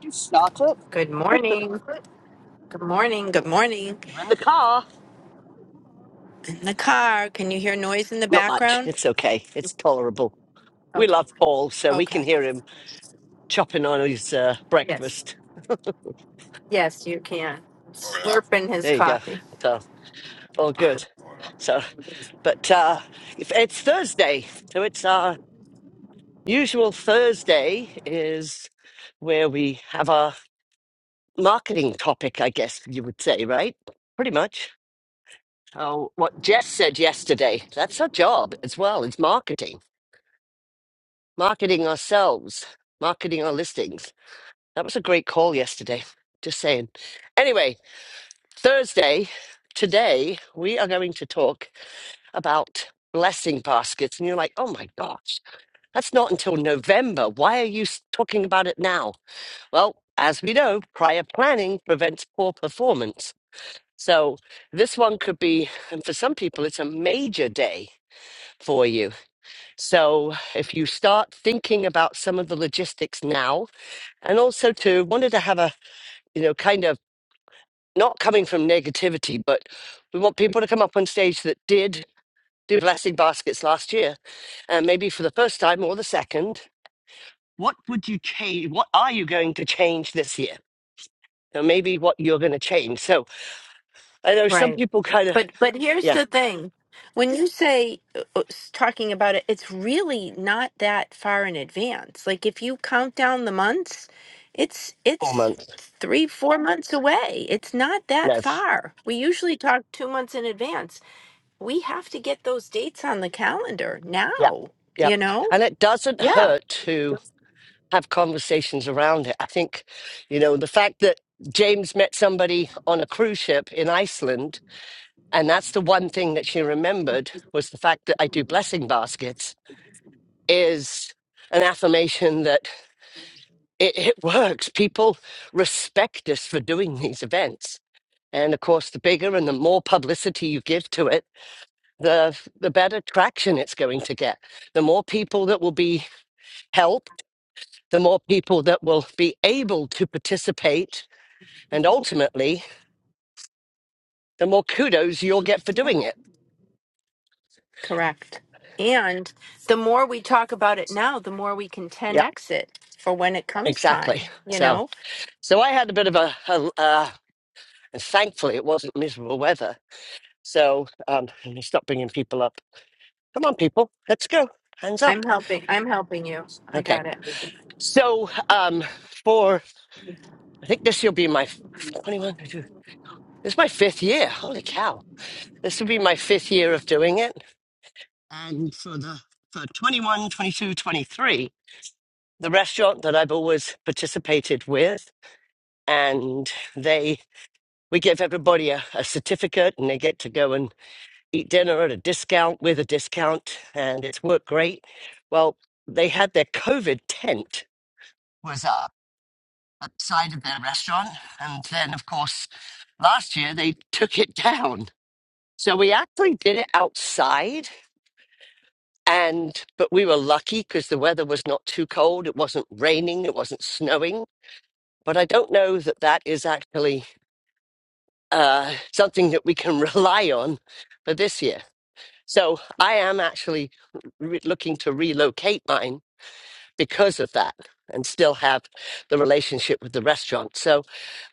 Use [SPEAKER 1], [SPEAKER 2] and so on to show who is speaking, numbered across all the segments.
[SPEAKER 1] You start it.
[SPEAKER 2] Good morning. Good morning. Good morning.
[SPEAKER 1] You're in the car.
[SPEAKER 2] In the car, can you hear noise in the
[SPEAKER 1] Not much.
[SPEAKER 2] background?
[SPEAKER 1] It's okay. It's tolerable. We
[SPEAKER 2] Okay.
[SPEAKER 1] love Paul, so we
[SPEAKER 2] Okay.
[SPEAKER 1] can hear him chopping on his uh,
[SPEAKER 2] Yes.
[SPEAKER 1] breakfast.
[SPEAKER 2] Yes, you can. Slurping his
[SPEAKER 1] There you go.
[SPEAKER 2] coffee.
[SPEAKER 1] So all good. So, but uh, if it's Thursday, so it's our usual Thursday is where we have our marketing topic, I guess you would say, right? Pretty much. Oh, what Jess said yesterday. That's our job as well. It's marketing, marketing ourselves, marketing our listings. That was a great call yesterday. Just saying. Anyway, Thursday, today, we are going to talk about blessing baskets. And you're like, oh my gosh, that's not until November. Why are you s- talking about it now? Well, as we know, prior planning prevents poor performance. So this one could be, and for some people, it's a major day for you. So if you start thinking about some of the logistics now, and also too wanted to have a you know kind of not coming from negativity, but we want people to come up on stage that did do blessing baskets last year, and maybe for the first time or the second. What would you change? What are you going to change this year? Or maybe what you're going to change. So I know some
[SPEAKER 2] Right.
[SPEAKER 1] people kind of,
[SPEAKER 2] But but here's
[SPEAKER 1] yeah,
[SPEAKER 2] the thing. When you say uh, uh, s- talking about it, it's really not that far in advance. Like if you count down the months, it's
[SPEAKER 1] four
[SPEAKER 2] it's
[SPEAKER 1] months.
[SPEAKER 2] 3 4 months away. It's not that
[SPEAKER 1] No,
[SPEAKER 2] far. We usually talk 2 months in advance. we have to get those dates on the calendar
[SPEAKER 1] yeah,
[SPEAKER 2] now,
[SPEAKER 1] yeah.
[SPEAKER 2] you know?
[SPEAKER 1] And it doesn't
[SPEAKER 2] Yeah,
[SPEAKER 1] hurt to have conversations around it. I think, you know, the fact that James met somebody on a cruise ship in Iceland And that's the one thing that she remembered was the fact that I do blessing baskets is an affirmation that it, it works. People respect us for doing these events. And of course, the bigger and the more publicity you give to it, the, the better traction it's going to get. The more people that will be helped, the more people that will be able to participate. And ultimately, the more kudos you'll get for doing it.
[SPEAKER 2] correct. And the more we talk about it now, the more we can
[SPEAKER 1] Yeah,
[SPEAKER 2] 10x it for when it comes
[SPEAKER 1] exactly.
[SPEAKER 2] time, you
[SPEAKER 1] So.
[SPEAKER 2] know?
[SPEAKER 1] So I had a bit of a, a, a And thankfully, it wasn't miserable weather. So um, let me stop bringing people up. Come on, people, let's go. Hands up.
[SPEAKER 2] I'm helping I'm helping you. I
[SPEAKER 1] Okay.
[SPEAKER 2] got it.
[SPEAKER 1] So um, for I think this will be my f- 21. twenty-two. This is my fifth year. Holy cow! This will be my fifth year of doing it. And for the for 21, 22, 23, the restaurant that I've always participated with, and they we give everybody a, a certificate, and they get to go and eat dinner at a discount with a discount, and it's worked great. Well, they had their COVID tent was up outside of their restaurant, and then of course last year they took it down. So we actually did it outside, and but we were lucky because the weather was not too cold. It wasn't raining. It wasn't snowing. But I don't know that that is actually uh, something that we can rely on for this year. So I am actually re- looking to relocate mine because of that and still have the relationship with the restaurant. So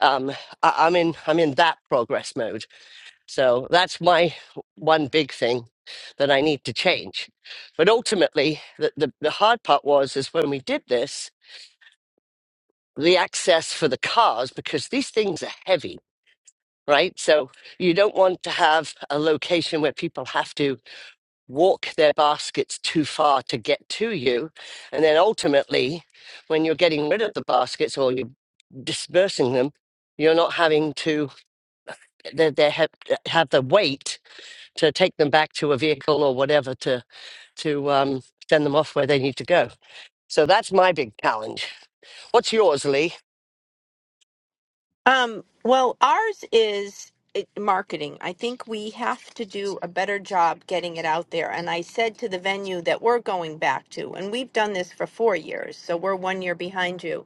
[SPEAKER 1] um, I- I'm in I'm in that progress mode. So that's my one big thing that I need to change. But ultimately, the, the, the hard part was is when we did this, the access for the cars because these things are heavy. Right. So you don't want to have a location where people have to walk their baskets too far to get to you. And then ultimately, when you're getting rid of the baskets or you're dispersing them, you're not having to they, they have, have the weight to take them back to a vehicle or whatever to to um, send them off where they need to go. So that's my big challenge. What's yours, Lee?
[SPEAKER 2] Um, well, ours is it, marketing. I think we have to do a better job getting it out there. And I said to the venue that we're going back to, and we've done this for four years, so we're one year behind you.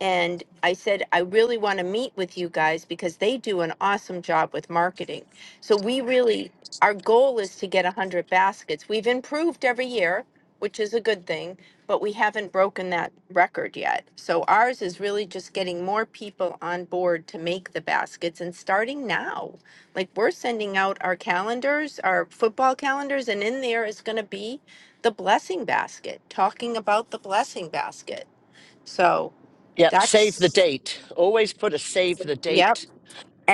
[SPEAKER 2] And I said, I really want to meet with you guys because they do an awesome job with marketing. So we really, our goal is to get 100 baskets. We've improved every year which is a good thing, but we haven't broken that record yet. So ours is really just getting more people on board to make the baskets and starting now. Like we're sending out our calendars, our football calendars, and in there is going to be the blessing basket, talking about the blessing basket. So
[SPEAKER 1] Yep, save the
[SPEAKER 2] that's,
[SPEAKER 1] date. Always put a save the
[SPEAKER 2] yep,
[SPEAKER 1] date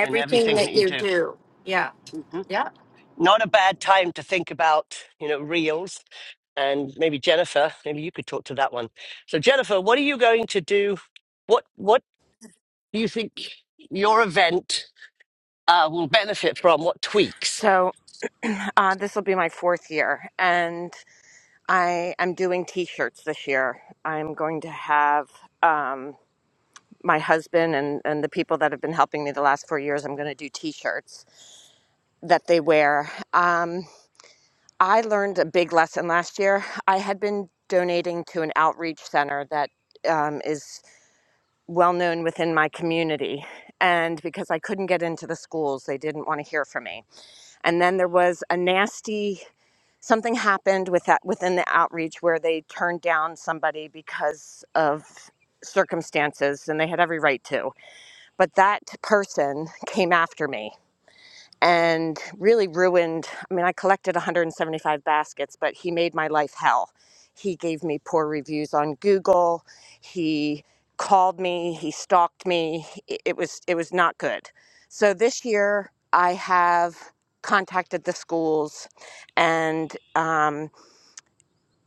[SPEAKER 1] in everything that
[SPEAKER 2] that
[SPEAKER 1] you
[SPEAKER 2] you
[SPEAKER 1] do.
[SPEAKER 2] do. Yeah,
[SPEAKER 1] hmm
[SPEAKER 2] yeah.
[SPEAKER 1] Not a bad time to think about, you know, reels and maybe Jennifer, maybe you could talk to that one. So Jennifer, what are you going to do? What what do you think your event uh, will benefit from? What tweaks?
[SPEAKER 3] So uh, this will be my fourth year, and I am doing T-shirts this year. I'm going to have um, my husband and and the people that have been helping me the last four years. I'm going to do T-shirts that they wear. Um, I learned a big lesson last year. I had been donating to an outreach center that um, is well known within my community. And because I couldn't get into the schools, they didn't want to hear from me. And then there was a nasty something happened with that within the outreach where they turned down somebody because of circumstances and they had every right to but that person came after me and really ruined i mean i collected 175 baskets but he made my life hell he gave me poor reviews on google he called me he stalked me it it was it was not good so this year i have contacted the schools and um,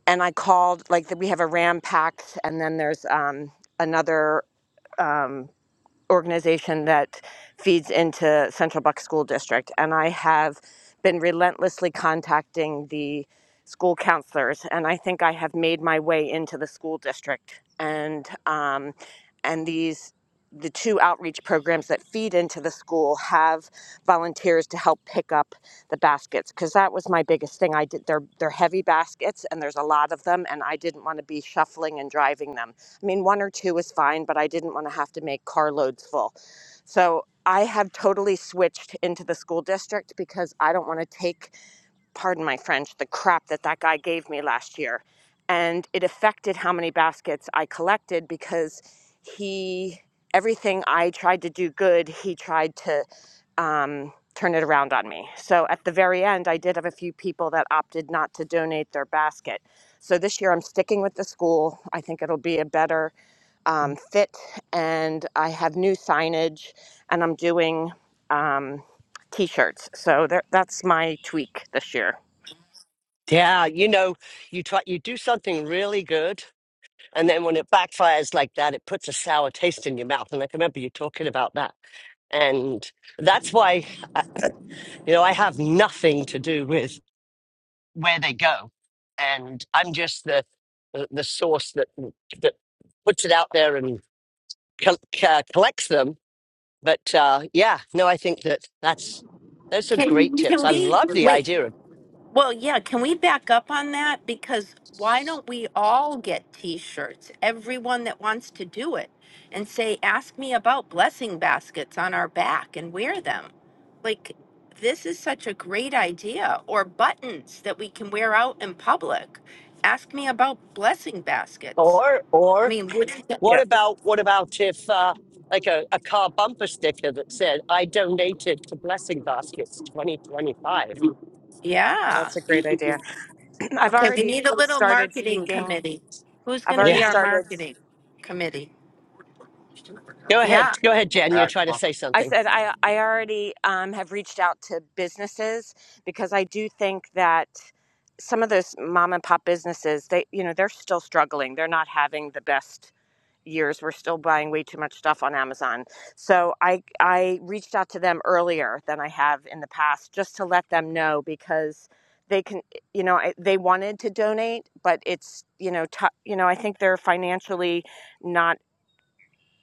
[SPEAKER 3] and I called like the, we have a Ram Pack, and then there's um, another. Um, organization that feeds into Central Bucks School District, and I have been relentlessly contacting the school counselors, and I think I have made my way into the school district, and um, and these the two outreach programs that feed into the school have volunteers to help pick up the baskets because that was my biggest thing i did they're they're heavy baskets and there's a lot of them and i didn't want to be shuffling and driving them I mean, one or two was fine, but I didn't want to have to make carloads full. So I have totally switched into the school district because I don't want to take, pardon my French, the crap that that guy gave me last year. And it affected how many baskets I collected because he, everything I tried to do good, he tried to um, turn it around on me. So at the very end, I did have a few people that opted not to donate their basket. So this year I'm sticking with the school. I think it'll be a better um, fit and I have new signage and I'm doing um, t shirts. So there, that's my tweak this year.
[SPEAKER 1] Yeah, you know, you try you do something really good, and then when it backfires like that, it puts a sour taste in your mouth. And I can remember you talking about that, and that's why uh, you know I have nothing to do with where they go, and I'm just the the, the source that that puts it out there and col- uh, collects them. But uh, yeah, no, I think that that's those are great
[SPEAKER 2] Can,
[SPEAKER 1] tips.
[SPEAKER 2] can
[SPEAKER 1] I
[SPEAKER 2] we,
[SPEAKER 1] love the
[SPEAKER 2] wait,
[SPEAKER 1] idea of
[SPEAKER 2] Well, yeah, can we back up on that? Because why don't we all get t shirts? Everyone that wants to do it and say, ask me about blessing baskets on our back and wear them. Like, this is such a great idea. Or buttons that we can wear out in public. Ask me about blessing baskets.
[SPEAKER 1] or
[SPEAKER 2] I
[SPEAKER 1] or
[SPEAKER 2] mean, wouldn't, that-
[SPEAKER 1] what
[SPEAKER 3] Yeah,
[SPEAKER 1] about what about if uh, like a, a car bumper sticker that said I donated to Blessing Baskets 2025.
[SPEAKER 2] yeah.
[SPEAKER 3] that's a great idea. I've
[SPEAKER 2] Okay, we
[SPEAKER 3] already
[SPEAKER 2] need
[SPEAKER 3] c-
[SPEAKER 2] a little
[SPEAKER 3] started
[SPEAKER 2] marketing
[SPEAKER 3] speaking.
[SPEAKER 2] committee. Who's
[SPEAKER 3] I've
[SPEAKER 2] going to
[SPEAKER 3] already
[SPEAKER 2] be
[SPEAKER 1] Yeah,
[SPEAKER 2] our
[SPEAKER 3] started
[SPEAKER 2] marketing committee?
[SPEAKER 1] go
[SPEAKER 2] Yeah.
[SPEAKER 1] ahead, go ahead, Jen. You're trying to say
[SPEAKER 3] I
[SPEAKER 1] something.
[SPEAKER 3] said I I already um, have reached out to businesses because I do think that some of those mom and pop businesses they you know they're still struggling. They're not having the best years. We're still buying way too much stuff on Amazon. So I I reached out to them earlier than I have in the past just to let them know because they can you know they wanted to donate but it's you know t- you know I think they're financially not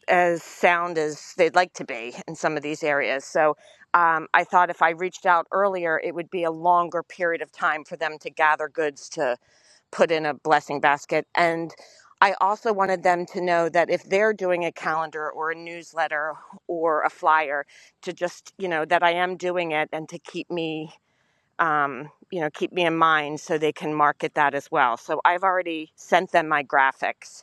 [SPEAKER 3] as sound as they'd like to be in some of these areas. So um, I thought if I reached out earlier, it would be a longer period of time for them to gather goods to put in a blessing basket. And I also wanted them to know that if they're doing a calendar or a newsletter or a flyer, to just, you know, that I am doing it and to keep me. Um, you know, keep me in mind so they can market that as well. So I've already sent them my graphics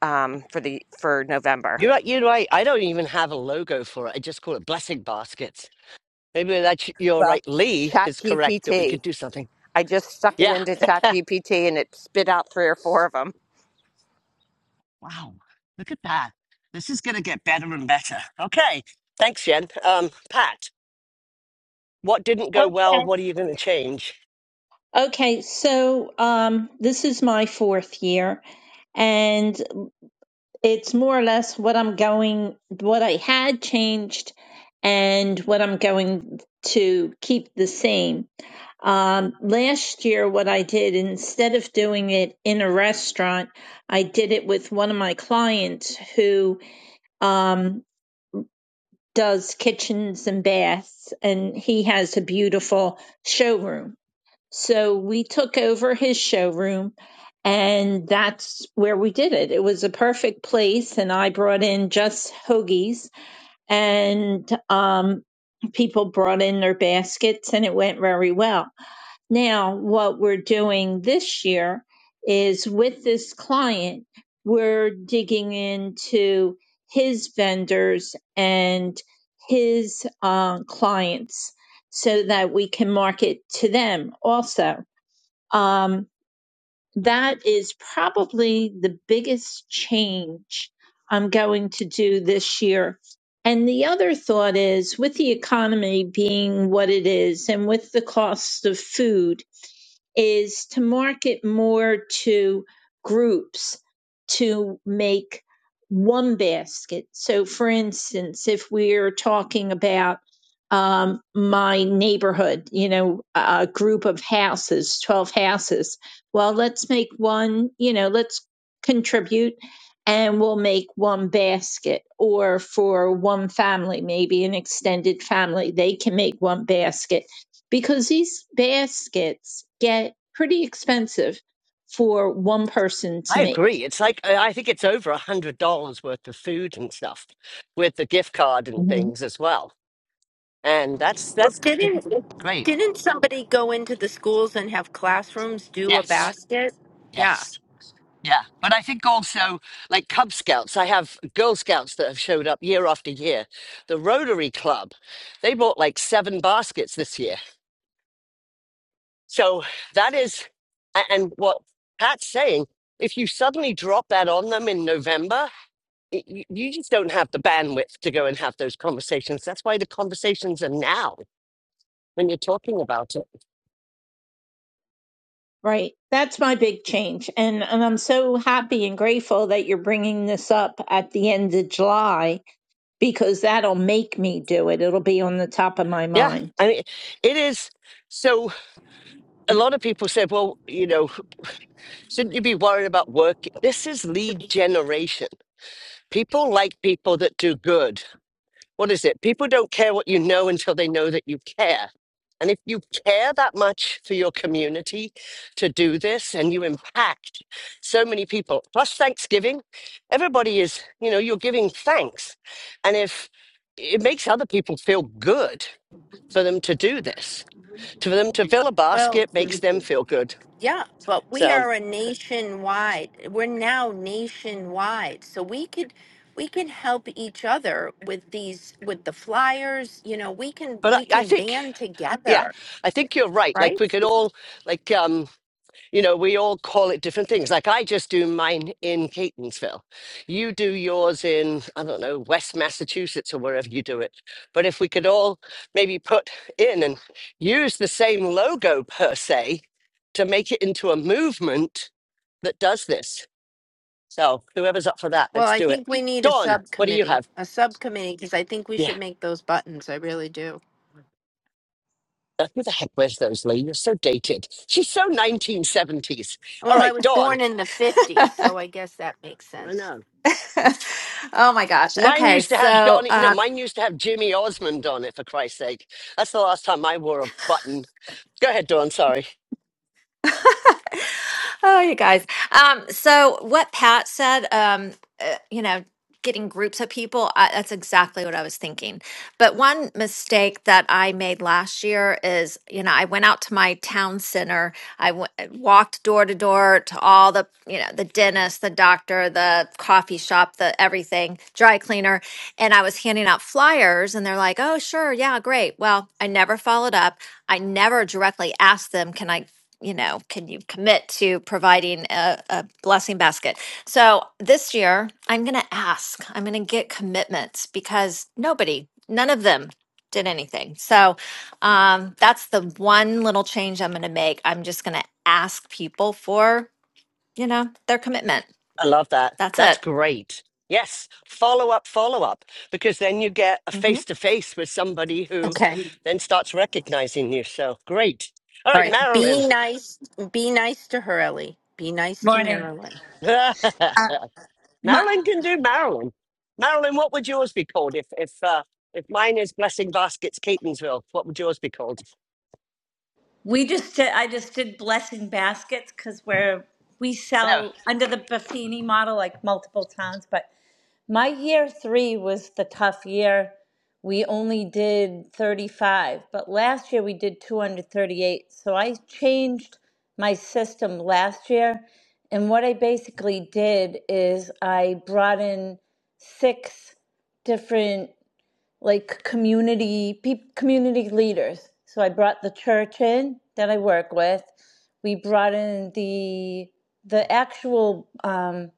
[SPEAKER 3] um, for the for November.
[SPEAKER 1] You're right. You're right. I don't even have a logo for it. I just call it Blessing Baskets. Maybe that's you're
[SPEAKER 3] Well,
[SPEAKER 1] right. Lee is correct that we
[SPEAKER 3] ChatGPT.
[SPEAKER 1] could do something.
[SPEAKER 3] I just stuck it
[SPEAKER 1] Yeah.
[SPEAKER 3] into ChatGPT and it spit out three or four of them.
[SPEAKER 1] Wow, look at that. This is going to get better and better. Okay, thanks, Jen. Um, Pat, what didn't go well?
[SPEAKER 4] Okay.
[SPEAKER 1] What are you going to change?
[SPEAKER 4] Okay, so um, this is my fourth year, and it's more or less what I'm going, what I had changed, and what I'm going to keep the same. Um, last year, what I did, instead of doing it in a restaurant, I did it with one of my clients who um, does kitchens and baths, and he has a beautiful showroom So we took over his showroom, and that's where we did it. It was a perfect place, and I brought in just hoagies, and um, people brought in their baskets, and it went very well. Now, what we're doing this year is with this client, we're digging into his vendors and his uh, clients so that we can market to them also um, that is probably the biggest change I'm going to do this year. And the other thought is with the economy being what it is and with the cost of food, is to market more to groups to make one basket. So, for instance, if we're talking about um, my neighborhood, you know, a group of houses, 12 houses, well, let's make one, you know, let's contribute and we'll make one basket. Or for one family, maybe an extended family, they can make one basket because these baskets get pretty expensive for one person to
[SPEAKER 1] I
[SPEAKER 4] make.
[SPEAKER 1] agree. It's like I I think it's over a hundred dollars worth of food and stuff with the gift card and
[SPEAKER 4] Mhm.
[SPEAKER 1] things as well. And that's
[SPEAKER 2] Well,
[SPEAKER 1] that's
[SPEAKER 2] didn't
[SPEAKER 1] great.
[SPEAKER 2] didn't somebody go into the schools and have classrooms do a
[SPEAKER 1] Yes,
[SPEAKER 2] basket? Yeah.
[SPEAKER 1] yes, yeah. But I think also like Cub Scouts. I have Girl Scouts that have showed up year after year. The Rotary Club, they bought like seven baskets this year So that is, a- and what Pat's saying, if you suddenly drop that on them in November, y y- you just don't have the bandwidth to go and have those conversations. That's why the conversations are now when you're talking about it.
[SPEAKER 4] Right. That's my big change. And, and I'm so happy and grateful that you're bringing this up at the end of July because that'll make me do it. It'll be on the top of my
[SPEAKER 1] Yeah.
[SPEAKER 4] mind.
[SPEAKER 1] I mean, it is. So a lot of people said, well, you know, shouldn't you be worried about work? This is lead generation. People like people that do good what is it? People don't care what you know until they know that you care. And if you care that much for your community to do this and you impact so many people, plus Thanksgiving, everybody is, you know, you're giving thanks. And if it makes other people feel good for them to do this, to for them to fill a
[SPEAKER 2] Well,
[SPEAKER 1] basket makes them feel good.
[SPEAKER 2] yeah, but we
[SPEAKER 1] So,
[SPEAKER 2] are a nationwide. We're now nationwide, so we could we can help each other with these with the flyers. You know, we can
[SPEAKER 1] but
[SPEAKER 2] we
[SPEAKER 1] I, I
[SPEAKER 2] can
[SPEAKER 1] think,
[SPEAKER 2] band
[SPEAKER 1] yeah,
[SPEAKER 2] together,
[SPEAKER 1] I think you're right. Like
[SPEAKER 2] right?
[SPEAKER 1] we could all, like, um. You know, we all call it different things. Like I just do mine in Catonsville. You do yours in, I don't know, West Massachusetts or wherever you do it. But if we could all maybe put in and use the same logo per se to make it into a movement that does this. So whoever's up for that,
[SPEAKER 2] Well,
[SPEAKER 1] let's
[SPEAKER 2] I
[SPEAKER 1] do it.
[SPEAKER 2] think we need a
[SPEAKER 1] Dawn, what do you
[SPEAKER 2] subcommittee,
[SPEAKER 1] have?
[SPEAKER 2] a subcommittee, because I think we
[SPEAKER 1] Yeah.
[SPEAKER 2] should make those buttons. I really do.
[SPEAKER 1] uh, Who the heck wears those, Lee? You're so dated. She's so 1970s. All
[SPEAKER 2] Well, I
[SPEAKER 1] right,
[SPEAKER 2] was
[SPEAKER 1] Dawn.
[SPEAKER 2] born in the 50s, so I guess that makes
[SPEAKER 1] I
[SPEAKER 2] sense.
[SPEAKER 1] know.
[SPEAKER 5] oh my gosh.
[SPEAKER 1] Mine
[SPEAKER 5] Okay.
[SPEAKER 1] used to have
[SPEAKER 5] So,
[SPEAKER 1] Donny.
[SPEAKER 5] uh,
[SPEAKER 1] No, mine used to have Jimmy Osmond on it. For Christ's sake, that's the last time I wore a button. Go ahead, Dawn. Sorry,
[SPEAKER 5] oh, you guys. Um, so what Pat said, um, uh, you know, getting groups of people, I, that's exactly what I was thinking. But one mistake that I made last year is, you know, I went out to my town center. I w- uh, walked door to door to all the, you know, the dentist, the doctor, the coffee shop, the everything, dry cleaner, and I was handing out flyers, and they're like, "Oh, sure, yeah, great." Well, I never followed up. I never directly asked them, "Can I you know, can you commit to providing a, a blessing basket? So this year, I'm going to ask, I'm going to get commitments because nobody, none of them did anything. So um, that's the one little change I'm going to make. I'm just going to ask people for, you know, their commitment.
[SPEAKER 1] I love that.
[SPEAKER 5] That's
[SPEAKER 1] That's
[SPEAKER 5] it.
[SPEAKER 1] great. Yes, follow up, follow up, because then you get a
[SPEAKER 5] Mhm.
[SPEAKER 1] face to face with somebody who
[SPEAKER 2] Okay.
[SPEAKER 1] then starts recognizing you. So great. All
[SPEAKER 2] All
[SPEAKER 1] right,
[SPEAKER 2] right.
[SPEAKER 1] Marilyn.
[SPEAKER 2] Be nice. Be nice to her, Ellie. Be nice to
[SPEAKER 6] Morning.
[SPEAKER 2] Marilyn.
[SPEAKER 1] Marilyn
[SPEAKER 6] My,
[SPEAKER 1] can do Marilyn. Marilyn, what would yours be called if if uh, if mine is Blessing Baskets Catonsville? What would yours be called?
[SPEAKER 6] we just did, I just did blessing baskets because we're we
[SPEAKER 1] No.
[SPEAKER 6] sell under the Buffini model like multiple towns. But my year three was the tough year. We only did thirty five, but last year we did two hundred thirty eight. So I changed my system last year, and what I basically did is I brought in six different like community peop community leaders. So I brought the church in that I work with. We brought in the the actual um,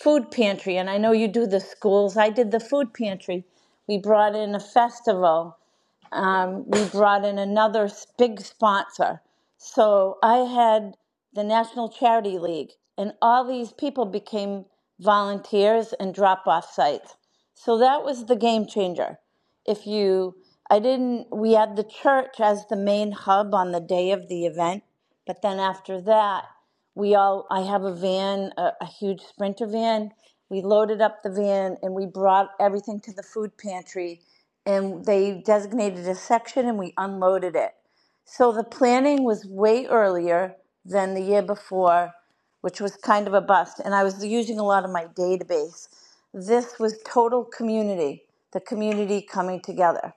[SPEAKER 6] food pantry, and I know you do the schools. I did the food pantry. We brought in a festival um, we brought in another big sponsor. So I had the National Charity League, and all these people became volunteers and drop off sites. So that was the game changer. If you, I didn't, we had the church as the main hub on the day of the event, but then after that, we all, I have a van, a, a huge sprinter van. We loaded up the van and we brought everything to the food pantry and they designated a section and we unloaded it. So the planning was way earlier than the year before, which was kind of a bust. And I was using a lot of my database. This was total community, the community coming together.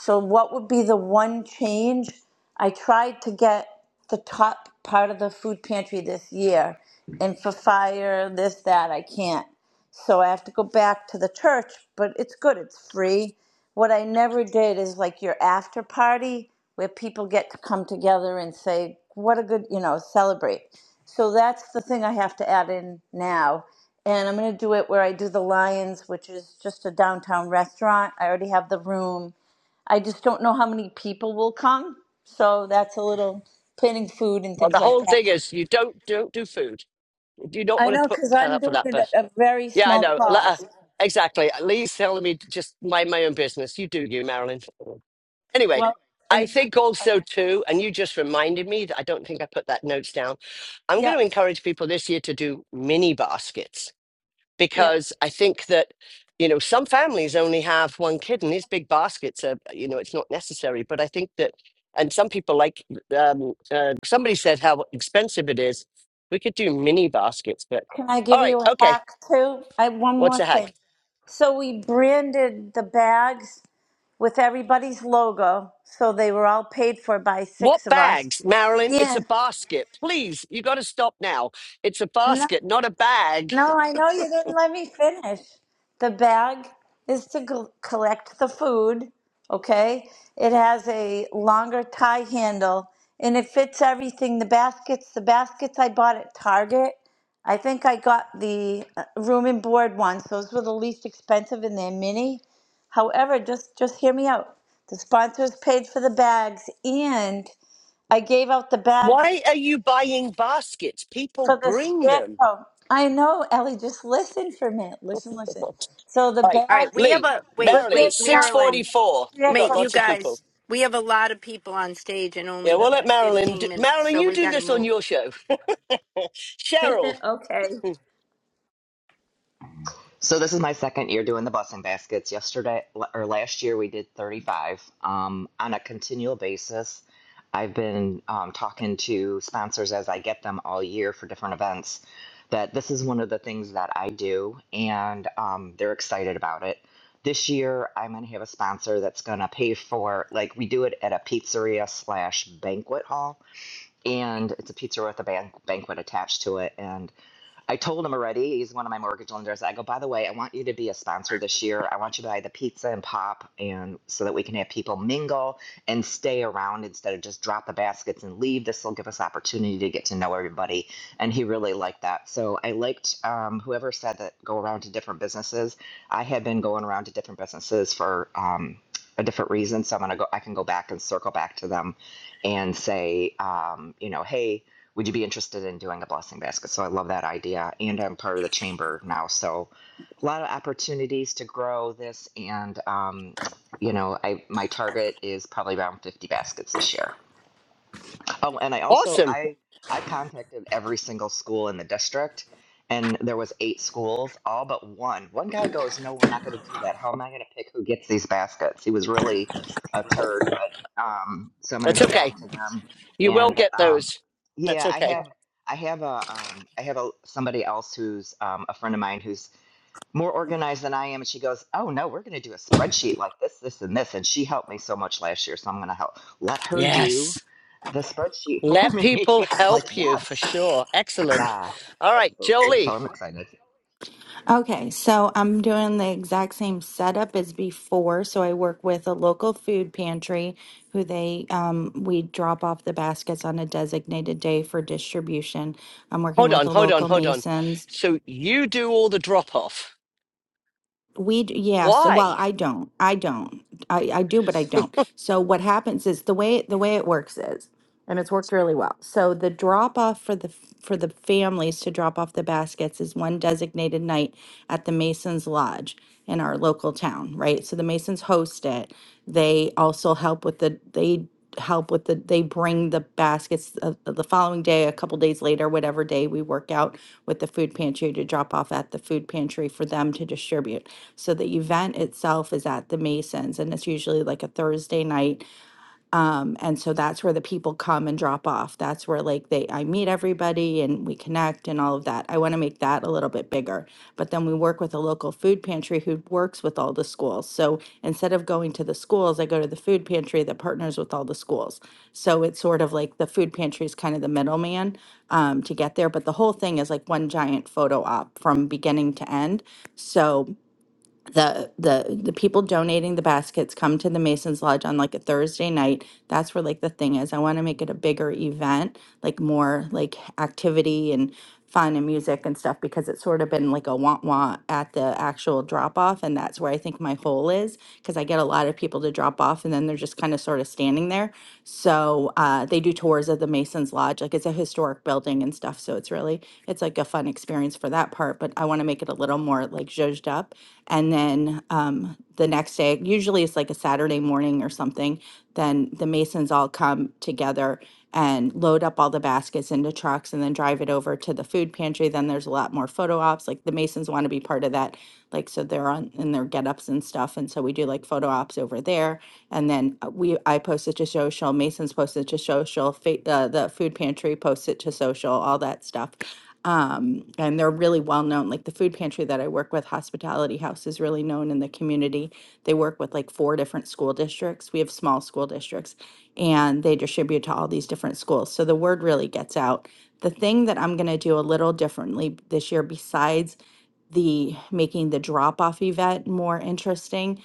[SPEAKER 6] So, what would be the one change? I tried to get the top part of the food pantry this year, and for fire, this, that, I can't. So, I have to go back to the church, but it's good, it's free. What I never did is like your after party where people get to come together and say, What a good, you know, celebrate. So, that's the thing I have to add in now. And I'm going to do it where I do the Lions, which is just a downtown restaurant. I already have the room I just don't know how many people will come. So that's a little planning food and
[SPEAKER 1] Well,
[SPEAKER 6] things
[SPEAKER 1] the
[SPEAKER 6] like
[SPEAKER 1] whole
[SPEAKER 6] that.
[SPEAKER 1] thing is you don't don't do food. you don't
[SPEAKER 6] I
[SPEAKER 1] want to
[SPEAKER 6] know
[SPEAKER 1] put
[SPEAKER 6] because
[SPEAKER 1] put
[SPEAKER 6] I'm
[SPEAKER 1] up for
[SPEAKER 6] doing
[SPEAKER 1] that,
[SPEAKER 6] it
[SPEAKER 1] but
[SPEAKER 6] at a very
[SPEAKER 1] yeah, I
[SPEAKER 6] small
[SPEAKER 1] know. Let her-
[SPEAKER 6] cost.
[SPEAKER 1] exactly. Lee's telling me to just mind my own business. You do, you, Marilyn. Anyway,
[SPEAKER 6] Well,
[SPEAKER 1] I
[SPEAKER 6] and
[SPEAKER 1] think also too, and you just reminded me that I don't think I put that notes down. I'm
[SPEAKER 6] yeah,
[SPEAKER 1] going to encourage people this year to do mini baskets
[SPEAKER 6] yeah.
[SPEAKER 1] because I think that you know some families only have one kid, and these big baskets are you know it's not necessary. But I think that, and some people like um, uh, somebody said how expensive it is. We could do mini baskets, but
[SPEAKER 6] Can I
[SPEAKER 1] all
[SPEAKER 6] give
[SPEAKER 1] right,
[SPEAKER 6] you a
[SPEAKER 1] okay.
[SPEAKER 6] hack too? I one
[SPEAKER 1] What's
[SPEAKER 6] more
[SPEAKER 1] the
[SPEAKER 6] thing.
[SPEAKER 1] heck?
[SPEAKER 6] So we branded the bags with everybody's logo, so they were all paid for by
[SPEAKER 1] What
[SPEAKER 6] six of us.
[SPEAKER 1] bags, Marilyn? It's a
[SPEAKER 6] Yeah,
[SPEAKER 1] basket. Please, you got to stop now. It's a
[SPEAKER 6] no,
[SPEAKER 1] basket, not a bag.
[SPEAKER 6] No, I know you didn't let me finish. The bag is to gl- collect the food, okay? It has a longer tie handle and it fits everything. The baskets, the baskets I bought at Target. I think I got the uh, room and board ones. Those were the least expensive and they're mini. However, just just hear me out. The sponsors paid for the bags and I gave out the bags
[SPEAKER 1] Why are you buying baskets?
[SPEAKER 6] so
[SPEAKER 1] People
[SPEAKER 6] the
[SPEAKER 1] bring them.
[SPEAKER 6] scarecrow, I know, Ellie, just listen for a minute. Listen, listen. So the
[SPEAKER 1] right,
[SPEAKER 2] All right.
[SPEAKER 6] bags
[SPEAKER 2] We have
[SPEAKER 1] Lee,
[SPEAKER 2] a
[SPEAKER 6] were
[SPEAKER 2] wait,
[SPEAKER 1] Marilyn,
[SPEAKER 6] given
[SPEAKER 2] wait,
[SPEAKER 1] six
[SPEAKER 6] out on
[SPEAKER 2] Marilyn.
[SPEAKER 6] the
[SPEAKER 1] forty-four. We got
[SPEAKER 6] scarecrow.
[SPEAKER 2] Wait, you
[SPEAKER 1] lots of
[SPEAKER 6] store.
[SPEAKER 1] people.
[SPEAKER 2] guys. We have a lot of people on stage and
[SPEAKER 1] Yeah,
[SPEAKER 2] only
[SPEAKER 1] we'll let
[SPEAKER 6] Okay.
[SPEAKER 1] Marilyn.
[SPEAKER 2] 15
[SPEAKER 1] Do-
[SPEAKER 2] minutes,
[SPEAKER 1] Marilyn,
[SPEAKER 2] so
[SPEAKER 1] you
[SPEAKER 2] we
[SPEAKER 1] do
[SPEAKER 2] got to
[SPEAKER 1] this on
[SPEAKER 2] move.
[SPEAKER 1] your show. Cheryl,
[SPEAKER 6] okay.
[SPEAKER 1] hmm,
[SPEAKER 7] So this is my second year doing the blessing baskets. Yesterday or last year we did 35 um, on a continual basis. I've been um, talking to sponsors as I get them all year for different events. That this is one of the things that I do, and um, they're excited about it. This year I'm going to have a sponsor that's going to pay for like we do it at a pizzeria slash banquet hall, and it's a pizzeria with a ban- banquet attached to it, and I told him already, he's one of my mortgage lenders. I go, by the way, I want you to be a sponsor this year. I want you to buy the pizza and pop and so that we can have people mingle and stay around instead of just drop the baskets and leave. This will give us opportunity to get to know everybody. And he really liked that. So I liked um, whoever said that go around to different businesses. I had been going around to different businesses for um, a different reason. So I'm gonna go I can go back and circle back to them and say, um, you know, hey, would you be interested in doing a blessing basket? So I love that idea. And I'm part of the chamber now. So a lot of opportunities to grow this. And, um, you know, I, my target is probably around 50 baskets this year. Oh, and I also
[SPEAKER 1] awesome.
[SPEAKER 7] I I contacted every single school in the district, and there was eight schools, all but one. One guy goes, "No, we're not going to do that. How am I going to pick who gets these baskets?" He was really a turd, but um, so I'm going to
[SPEAKER 1] That's
[SPEAKER 7] go
[SPEAKER 1] okay.
[SPEAKER 7] back to them.
[SPEAKER 1] You will
[SPEAKER 7] And
[SPEAKER 1] get
[SPEAKER 7] um,
[SPEAKER 1] those. That's
[SPEAKER 7] yeah, I
[SPEAKER 1] okay.
[SPEAKER 7] have I have a um, I have a somebody else who's um, a friend of mine who's more organized than I am. And she goes, Oh no, we're going to do a spreadsheet like this, this, and this. And she helped me so much last year. So I'm going to help let her do
[SPEAKER 1] Yes.
[SPEAKER 7] the spreadsheet for
[SPEAKER 1] Let people
[SPEAKER 7] me. I'm like,
[SPEAKER 1] help you for
[SPEAKER 7] yes.
[SPEAKER 1] sure. Excellent.
[SPEAKER 7] Yeah,
[SPEAKER 1] All right,
[SPEAKER 7] absolutely. So
[SPEAKER 1] Jolie.
[SPEAKER 7] I'm excited.
[SPEAKER 8] Okay, so I'm doing the exact same setup as before. So I work with a local food pantry who they um, we drop off the baskets on a designated day for distribution. I'm working
[SPEAKER 1] Hold
[SPEAKER 8] with
[SPEAKER 1] on,
[SPEAKER 8] the
[SPEAKER 1] hold on,
[SPEAKER 8] local
[SPEAKER 1] hold on.
[SPEAKER 8] masons
[SPEAKER 1] So you do all the drop off.
[SPEAKER 8] We, d- yes,
[SPEAKER 1] Why?
[SPEAKER 8] well, I don't. I don't. I, I do, but I don't. So what happens is the way the way it works is, and it's worked really well. So the drop off for the f- for the families to drop off the baskets is one designated night at the Masons Lodge in our local town, right? So the Masons host it. They also help with the they help with the they bring the baskets of- the following day a couple days later whatever day we work out with the food pantry to drop off at the food pantry for them to distribute so the event itself is at the masons and it's usually like a thursday night um, and so that's where the people come and drop off. That's where like they I meet everybody and we connect and all of that. I want to make that a little bit bigger. But then we work with a local food pantry who works with all the schools. So instead of going to the schools, I go to the food pantry that partners with all the schools. So it's sort of like the food pantry is kind of the middleman um, to get there. But the whole thing is like one giant photo op from beginning to end. So the the the people donating the baskets come to the Masons Lodge on like a Thursday night. That's where like the thing is. I want to make it a bigger event, like more like activity and fun and music and stuff because it's sort of been like a want want at the actual drop off and that's where I think my hole is because I get a lot of people to drop off and then they're just kind of sort of standing there. So uh, they do tours of the Masons Lodge, like it's a historic building and stuff. So it's really it's like a fun experience for that part. But I want to make it a little more like zhuzhed up. And then um, the next day, usually it's like a Saturday morning or something, then the masons all come together and load up all the baskets into trucks and then drive it over to the food pantry. Then there's a lot more photo ops. Like the masons want to be part of that. Like, so they're on in their get-ups and stuff. And so we do like photo ops over there. And then uh, we, I posted to social, Masons posted to social, fa- uh, the food pantry posted to social, all that stuff um, and they're really well known. Like the food pantry that I work with, Hospitality House, is really known in the community. They work with like four different school districts. We have small school districts, and they distribute to all these different schools. So the word really gets out. The thing that I'm going to do a little differently this year, besides the making the drop off event more interesting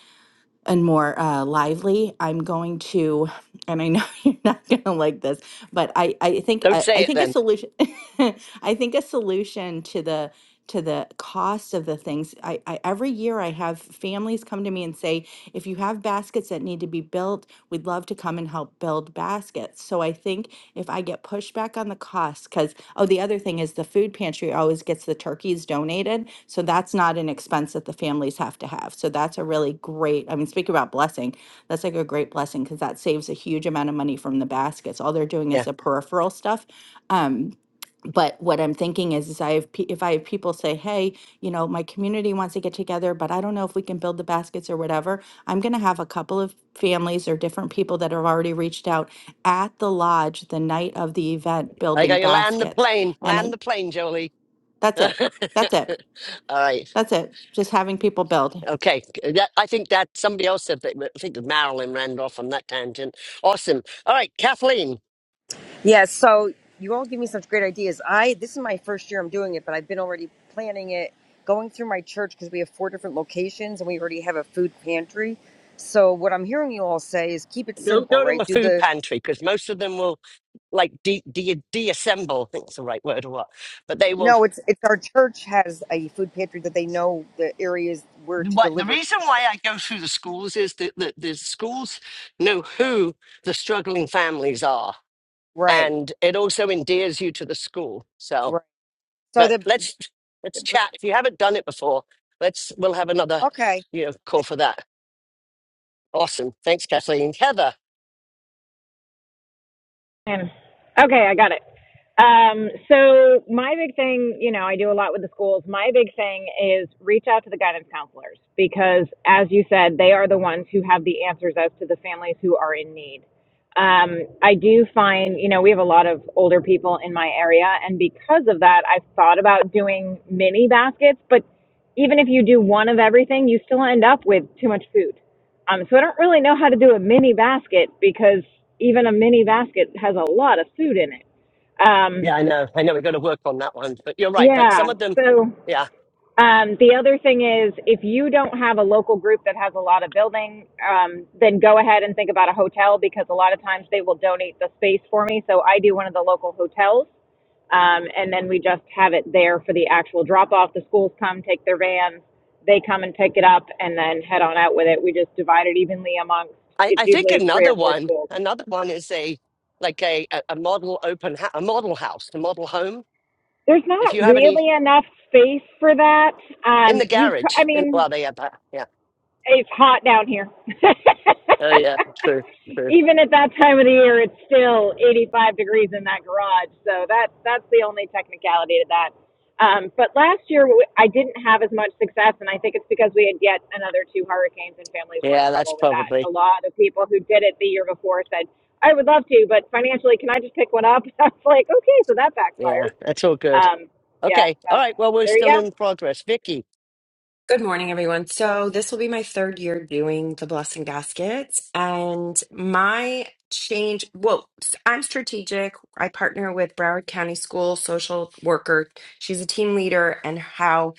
[SPEAKER 8] and more uh, lively. I'm going to, and I know you're not going to like this, but I I think
[SPEAKER 1] Don't
[SPEAKER 8] I, I
[SPEAKER 1] say it
[SPEAKER 8] think a
[SPEAKER 1] then.
[SPEAKER 8] solution I think a solution to the to the cost of the things. I, I every year I have families come to me and say, if you have baskets that need to be built, we'd love to come and help build baskets. So I think if I get pushback on the cost, because. Oh, the other thing is the food pantry always gets the turkeys donated. So that's not an expense that the families have to have. So that's a really great, I mean, speaking about blessing, that's like a great blessing because that saves a huge amount of money from the baskets. All they're doing
[SPEAKER 1] Yeah.
[SPEAKER 8] is the peripheral stuff. Um, but what I'm thinking is, is I have pe- if I have people say, "Hey, you know, my community wants to get together, but I don't know if we can build the baskets or whatever," I'm going to have a couple of families or different people that have already reached out at the lodge the night of the event
[SPEAKER 1] I
[SPEAKER 8] building
[SPEAKER 1] got you land the
[SPEAKER 8] baskets,
[SPEAKER 1] plane.
[SPEAKER 8] and
[SPEAKER 1] Land
[SPEAKER 8] I,
[SPEAKER 1] the plane, Jolie.
[SPEAKER 8] that's
[SPEAKER 1] All
[SPEAKER 8] it, that's it,
[SPEAKER 1] right.
[SPEAKER 8] that's it. Just having people build.
[SPEAKER 1] Okay. That, I think that somebody else said that. I think Marilyn ran off on that tangent. Awesome. All right, Kathleen.
[SPEAKER 9] Yeah, so you all give me such great ideas. I this is my first year I'm doing it, but I've been already planning it, going through my church because we have four different locations and we already have a food pantry. So what I'm hearing you all say is keep it
[SPEAKER 1] Don't
[SPEAKER 9] simple,
[SPEAKER 1] go to
[SPEAKER 9] right?
[SPEAKER 1] a
[SPEAKER 9] Do
[SPEAKER 1] food
[SPEAKER 9] the
[SPEAKER 1] pantry because most of them will like de- de- deassemble. I think it's the right word or what. But they will.
[SPEAKER 9] no, it's it's our church has a food pantry that they know the areas where to
[SPEAKER 1] What the
[SPEAKER 9] deliver to.
[SPEAKER 1] reason why I go through the schools is that the, the schools know who the struggling families are,
[SPEAKER 9] Right,
[SPEAKER 1] and it also endears you to the school. So
[SPEAKER 9] right. So
[SPEAKER 1] But
[SPEAKER 9] the
[SPEAKER 1] let's let's
[SPEAKER 9] but,
[SPEAKER 1] chat. If you haven't done it before, let's we'll have another
[SPEAKER 9] okay.
[SPEAKER 1] you know call for that. Awesome. Thanks, Kathleen. Heather.
[SPEAKER 10] Man. Okay, I got it. Um, so my big thing, you know, I do a lot with the schools. My big thing is reach out to the guidance counselors because, as you said, they are the ones who have the answers as to the families who are in need. Um, I do find, you know, we have a lot of older people in my area, and because of that, I've thought about doing mini baskets. But even if you do one of everything, you still end up with too much food um, so I don't really know how to do a mini basket because even a mini basket has a lot of food in it. Um,
[SPEAKER 1] Yeah, I know. I know we've got to work on that one. But you're right. But some
[SPEAKER 10] yeah,
[SPEAKER 1] of them,
[SPEAKER 10] so.
[SPEAKER 1] yeah.
[SPEAKER 10] Um, the other thing is, if you don't have a local group that has a lot of building, um, then go ahead and think about a hotel because a lot of times they will donate the space for me. So I do one of the local hotels, um, and then we just have it there for the actual drop off. The schools come, take their vans, they come and pick it up, and then head on out with it. We just divide it evenly amongst.
[SPEAKER 1] I,
[SPEAKER 10] It's
[SPEAKER 1] I think
[SPEAKER 10] usually three
[SPEAKER 1] another
[SPEAKER 10] or four
[SPEAKER 1] one,
[SPEAKER 10] schools.
[SPEAKER 1] another one is a like a a a model open hou- a model house, a model home.
[SPEAKER 10] There's
[SPEAKER 1] If
[SPEAKER 10] not
[SPEAKER 1] you have any
[SPEAKER 10] really enough space for that.
[SPEAKER 1] in
[SPEAKER 10] Um,
[SPEAKER 1] the
[SPEAKER 10] you, c-
[SPEAKER 1] garage,
[SPEAKER 10] I
[SPEAKER 1] in,
[SPEAKER 10] mean,
[SPEAKER 1] well, they have that. Yeah.
[SPEAKER 10] It's hot down here.
[SPEAKER 1] Oh yeah. True. True.
[SPEAKER 10] Even at that time of the year, it's still 85 degrees in that garage. So that's that's the only technicality to that. Um, but last year, I didn't have as much success, and I think it's because we had yet another two hurricanes, and families were in
[SPEAKER 1] Yeah, that's
[SPEAKER 10] trouble with that.
[SPEAKER 1] probably.
[SPEAKER 10] A lot of people who did it the year before said, "I would love to, but financially, can I just pick one up?" I was like, "Okay, so that
[SPEAKER 1] Yeah,
[SPEAKER 10] backfired."
[SPEAKER 1] that's all good.
[SPEAKER 10] Um, yeah,
[SPEAKER 1] Okay. All
[SPEAKER 10] so
[SPEAKER 1] right. Well, we're
[SPEAKER 10] there you
[SPEAKER 1] still
[SPEAKER 10] go.
[SPEAKER 1] in progress. Vicky.
[SPEAKER 11] Good morning, everyone. So, this will be my third year doing the Blessing Baskets. And my change, well, s- I'm strategic. I partner with Broward County School social worker. She's a team leader, and how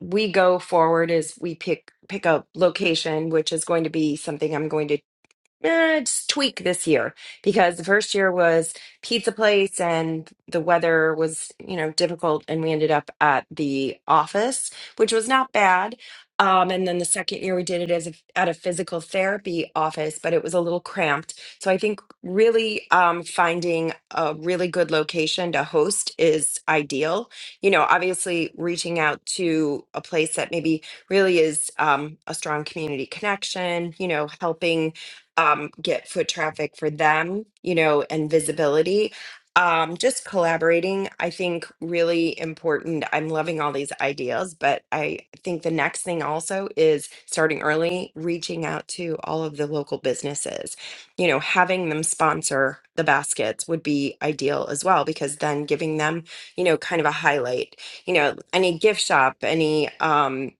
[SPEAKER 11] we go forward is we pick pick a location, which is going to be something I'm going to eh, just tweak this year because the first year was pizza place and the weather was you know difficult and we ended up at the office which was not bad um, and then the second year we did it as a, at a physical therapy office but it was a little cramped so i think really um, finding a really good location to host is ideal you know obviously reaching out to a place that maybe really is um, a strong community connection you know helping um, get foot traffic for them, you know, and visibility. Um, just collaborating, I think, really important. I'm loving all these ideas, but I think the next thing also is starting early, reaching out to all of the local businesses. You know, having them sponsor the baskets would be ideal as well, because then giving them, you know, kind of a highlight. You know, any gift shop, any, um,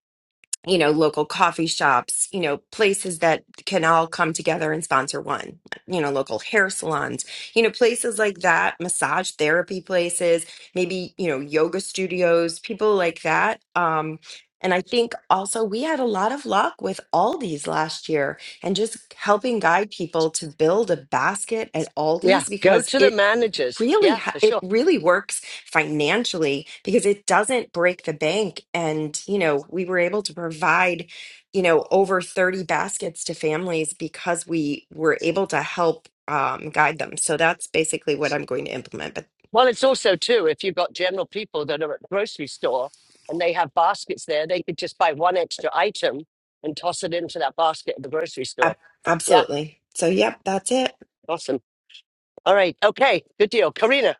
[SPEAKER 11] you know, local coffee shops, you know, places that can all come together and sponsor one, you know, local hair salons, you know, places like that, massage therapy places, maybe, you know, yoga studios, people like that. Um, and I think also we had a lot of luck with Aldi's last year and just helping guide people to build a basket at
[SPEAKER 1] Yeah,
[SPEAKER 11] Aldi's
[SPEAKER 1] go
[SPEAKER 11] because
[SPEAKER 1] to the
[SPEAKER 11] it
[SPEAKER 1] managers.
[SPEAKER 11] really
[SPEAKER 1] Yeah,
[SPEAKER 11] ha-
[SPEAKER 1] for
[SPEAKER 11] it
[SPEAKER 1] sure.
[SPEAKER 11] really works financially because it doesn't break the bank and you know we were able to provide you know over 30 baskets to families because we were able to help um, guide them so that's basically what i'm going to implement but
[SPEAKER 1] Well, it's also too if you've got general people that are at the grocery store and they have baskets there, they could just buy one extra item and toss it into that basket at the grocery
[SPEAKER 11] ab-
[SPEAKER 1] store. Yeah,
[SPEAKER 11] absolutely so yep that's it
[SPEAKER 1] awesome. All right, okay, good deal, Karina.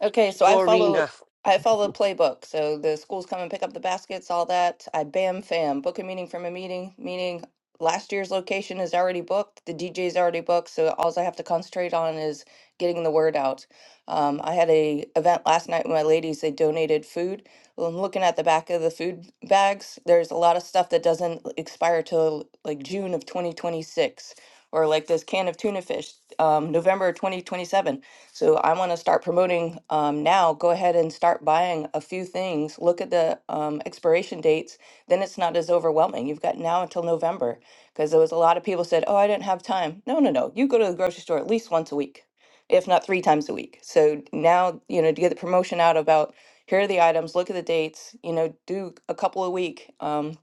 [SPEAKER 12] Okay, so I follow
[SPEAKER 1] Corina,
[SPEAKER 12] I follow the playbook. So the schools come and pick up the baskets, all that. I bam fam, book a meeting from a meeting, meaning last year's location is already booked, the DJ is already booked, so all I have to concentrate on is getting the word out. Um, I had a event last night with my ladies, they donated food. Well, I'm looking at the back of the food bags. There's a lot of stuff that doesn't expire till like June of 2026 or like this can of tuna fish, um, November 2027 so I want to start promoting um, now. Go ahead and start buying a few things. Look at the um, expiration dates. Then it's not as overwhelming. You've got now until November because there was a lot of people said, "Oh, I didn't have time." No, no, no. You go to the grocery store at least once a week, if not three times a week. So now you know to get the promotion out about here are the items. Look at the dates. You know, do a couple a week. Um,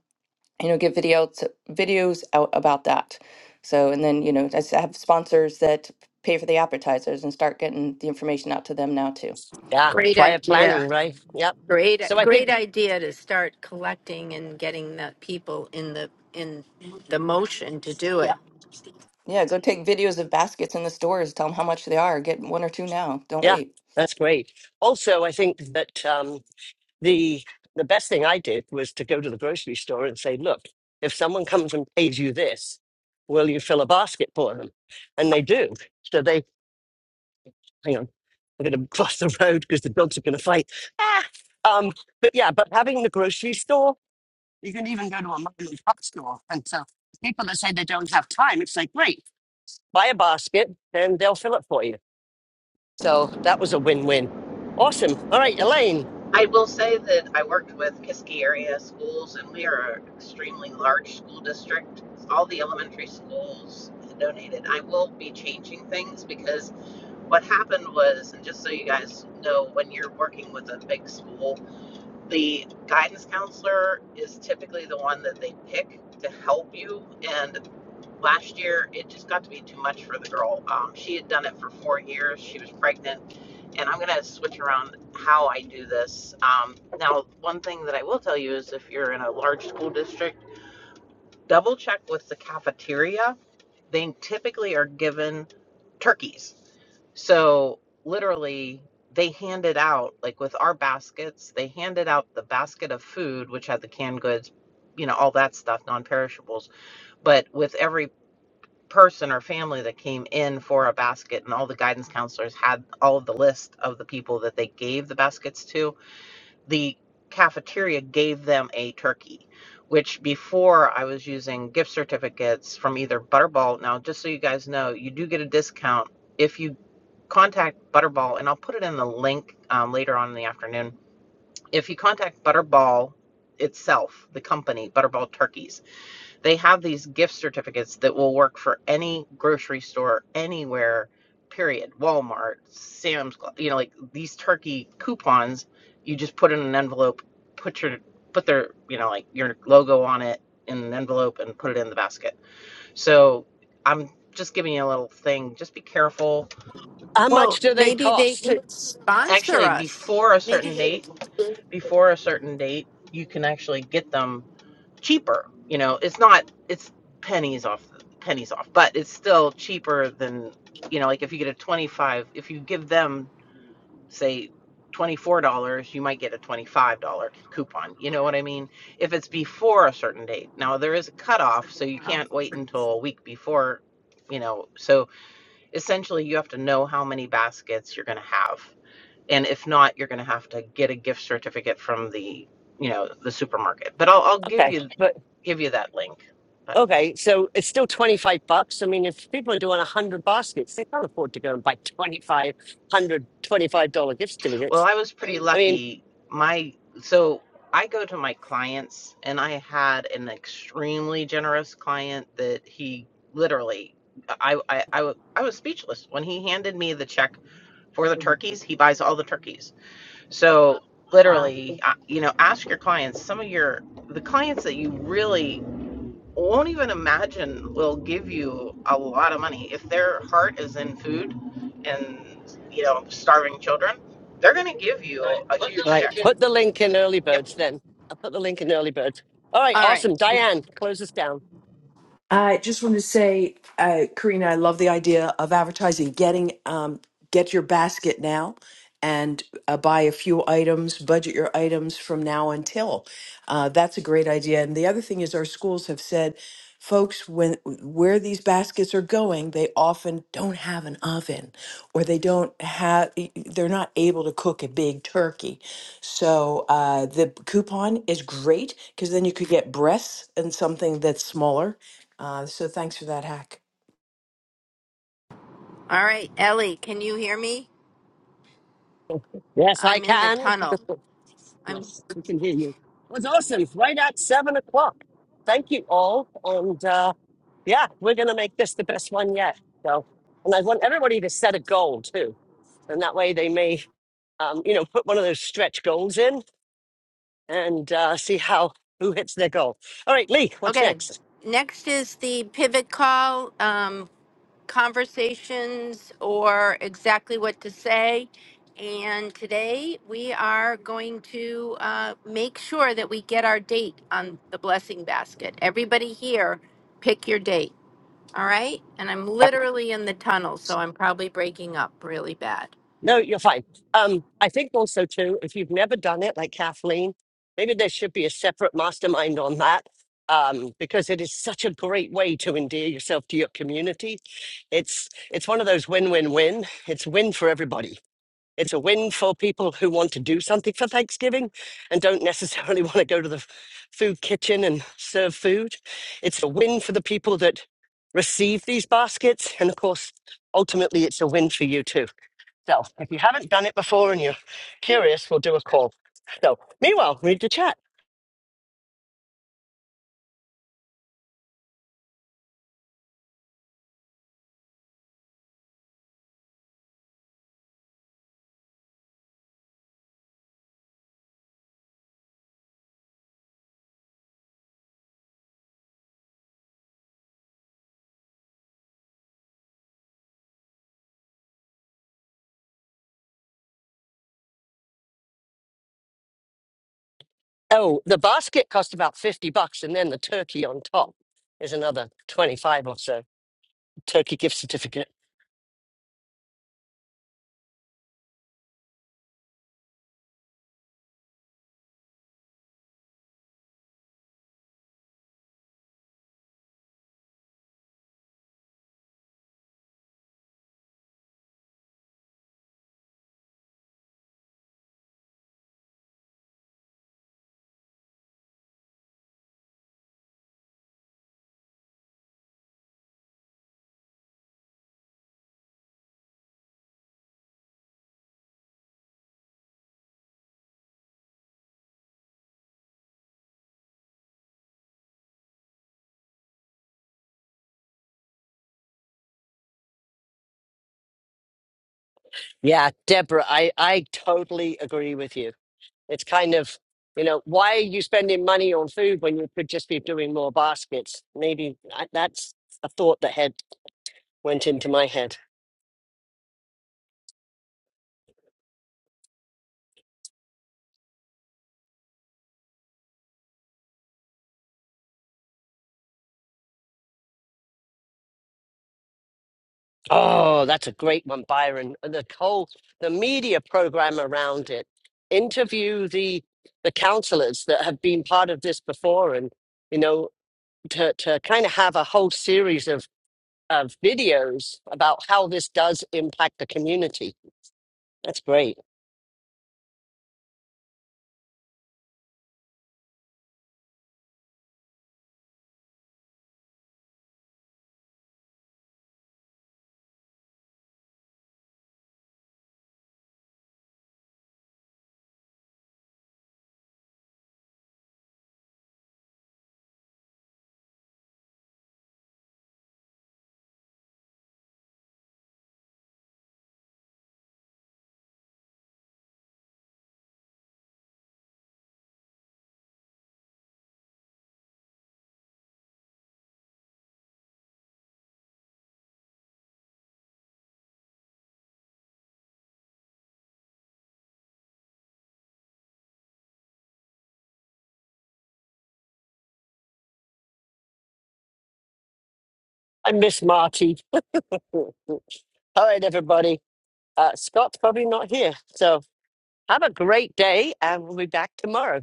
[SPEAKER 12] you know, give videos videos out about that. So, and then you know, I s- I have sponsors that pay for the appetizers and start getting the information out to them now too.
[SPEAKER 1] yeah,
[SPEAKER 2] Great
[SPEAKER 1] prior
[SPEAKER 2] idea.
[SPEAKER 1] planning, right? Yeah.
[SPEAKER 2] Great,
[SPEAKER 1] So I
[SPEAKER 2] great
[SPEAKER 1] think,
[SPEAKER 2] idea to start collecting and getting the people in the in the motion to do
[SPEAKER 1] yeah,
[SPEAKER 2] it.
[SPEAKER 12] Yeah, go take videos of baskets in the stores. Tell them how much they are. Get one or two now. Don't
[SPEAKER 1] yeah,
[SPEAKER 12] wait.
[SPEAKER 1] that's great. Also, I think that um, the the best thing I did was to go to the grocery store and say, "Look, if someone comes and pays you this, will you fill a basket for them?" And they do. So they hang on. I'm going to cross the road because the dogs are going to fight. Ah, um, but yeah, but having the grocery store, you can even go to a mom and pop store. And so people that say they don't have time, it's like, great, buy a basket and they'll fill it for you. So that was a win-win. Awesome. All right, Elaine,
[SPEAKER 13] I will say that I worked with Kiski area schools, and we are an extremely large school district. All the elementary schools donated. I will be changing things because what happened was, and just so you guys know, when you're working with a big school, the guidance counselor is typically the one that they pick to help you. and last year it just got to be too much for the girl um, she had done it for four years she was pregnant and i'm going to switch around how i do this um, now one thing that i will tell you is if you're in a large school district double check with the cafeteria they typically are given turkeys so literally they handed out like with our baskets they handed out the basket of food which had the canned goods you know all that stuff non-perishables but with every person or family that came in for a basket and all the guidance counselors had all of the list of the people that they gave the baskets to the cafeteria gave them a turkey which before i was using gift certificates from either butterball now just so you guys know you do get a discount if you contact butterball and i'll put it in the link um, later on in the afternoon if you contact butterball itself the company butterball turkeys they have these gift certificates that will work for any grocery store anywhere, period. Walmart, Sam's Club, you know, like these turkey coupons, you just put in an envelope, put your put their, you know, like your logo on it in an envelope and put it in the basket. So, I'm just giving you a little thing. Just be careful.
[SPEAKER 1] how
[SPEAKER 2] Well,
[SPEAKER 1] much do they
[SPEAKER 2] maybe they
[SPEAKER 1] cost?
[SPEAKER 2] could sponsor
[SPEAKER 13] Actually,
[SPEAKER 2] us.
[SPEAKER 13] before a certain
[SPEAKER 2] Maybe.
[SPEAKER 13] date,
[SPEAKER 2] They,
[SPEAKER 13] before a certain date, you can actually get them cheaper. You know, it's not it's pennies off pennies off, but it's still cheaper than you know, like if you get a 25, if you give them say $24, you might get a $25 coupon. You know what I mean? If it's before a certain date. Now there is a cutoff, so you can't wait until a week before, you know. So essentially you have to know how many baskets you're going to have. And if not, you're going to have to get a gift certificate from the, you know, the supermarket. But I'll, I'll give
[SPEAKER 1] Okay,
[SPEAKER 13] you
[SPEAKER 1] but.
[SPEAKER 13] give you that link. But,
[SPEAKER 1] Okay, so it's still 25 bucks. I mean, if people are doing 100 baskets, they can't afford to go and buy 25 100, $25 gift
[SPEAKER 13] well,
[SPEAKER 1] certificates.
[SPEAKER 13] I was pretty
[SPEAKER 1] I mean,
[SPEAKER 13] lucky. My so I go to my clients, and I had an extremely generous client that he literally, I I I, I was speechless when he handed me the check for the turkeys. He buys all the turkeys, so
[SPEAKER 2] wow.
[SPEAKER 13] literally, uh, you know, ask your clients. Some of your the clients that you really won't even imagine will give you a lot of money if their heart is in food and you know starving children they're going to give you right. a Let huge
[SPEAKER 1] all right,
[SPEAKER 13] check
[SPEAKER 1] put
[SPEAKER 13] It
[SPEAKER 1] the link in early birds then. I'll put the link in early birds. All right,
[SPEAKER 2] All right.
[SPEAKER 1] awesome. Diane, close us down.
[SPEAKER 14] I just want to say, uh, Karina, I love the idea of advertising. Getting um, get your basket now and uh, buy a few items, budget your items from now until. Uh, that's a great idea. And the other thing is, our schools have said, folks, when where these baskets are going, they often don't have an oven, or they don't have, e, e, they're not able to cook a big turkey. So uh, the coupon is great because then you could get breasts and something that's smaller uh, so thanks for that hack.
[SPEAKER 2] All right, Ellie. Can you hear me?
[SPEAKER 1] Yes, I
[SPEAKER 2] I'm in the
[SPEAKER 1] can.
[SPEAKER 2] tunnel. I'm
[SPEAKER 1] Yes, we can hear you. It was awesome. Right at seven o'clock. Thank you all. And uh, yeah, we're going to make this the best one yet. So, and I want everybody to set a goal too and that way they may um, you know, put one of those stretch goals in and uh, see how who hits their goal. All right, Lee, what's
[SPEAKER 2] okay.
[SPEAKER 1] next?
[SPEAKER 2] Next is the pivot call, um, conversations, or exactly what to say. And today we are going to uh, make sure that we get our date on the blessing basket. Everybody here, pick your date. All right. And I'm literally in the tunnel, so I'm probably breaking up really bad.
[SPEAKER 1] No, you're fine. Um, I think also too, if you've never done it, like Kathleen, maybe there should be a separate mastermind on that um, because it is such a great way to endear yourself to your community. It's it's one of those win-win-win. It's win for everybody It's a win for people who want to do something for Thanksgiving and don't necessarily want to go to the f- food kitchen and serve food. It's a win for the people that receive these baskets. And of course, ultimately, it's a win for you too. So if you haven't done it before and you're curious, we'll do a call. So meanwhile, read the chat. Oh, the basket cost about 50 bucks, and then the turkey on top is another 25 or so. Turkey gift certificate. Yeah, Deborah, I, I totally agree with you. It's kind of, you know, why are you spending money on food when you could just be doing more baskets? Maybe I- that's a thought that had went into my head. Oh, that's a great one, Byron. And The whole the media program around it. Interview the the counselors that have been part of this before, and you know, to to kind of have a whole series of of videos about how this does impact the community. That's great. I miss Marty. All right, everybody. Uh, Scott's probably not here. So have a great day, and we'll be back tomorrow.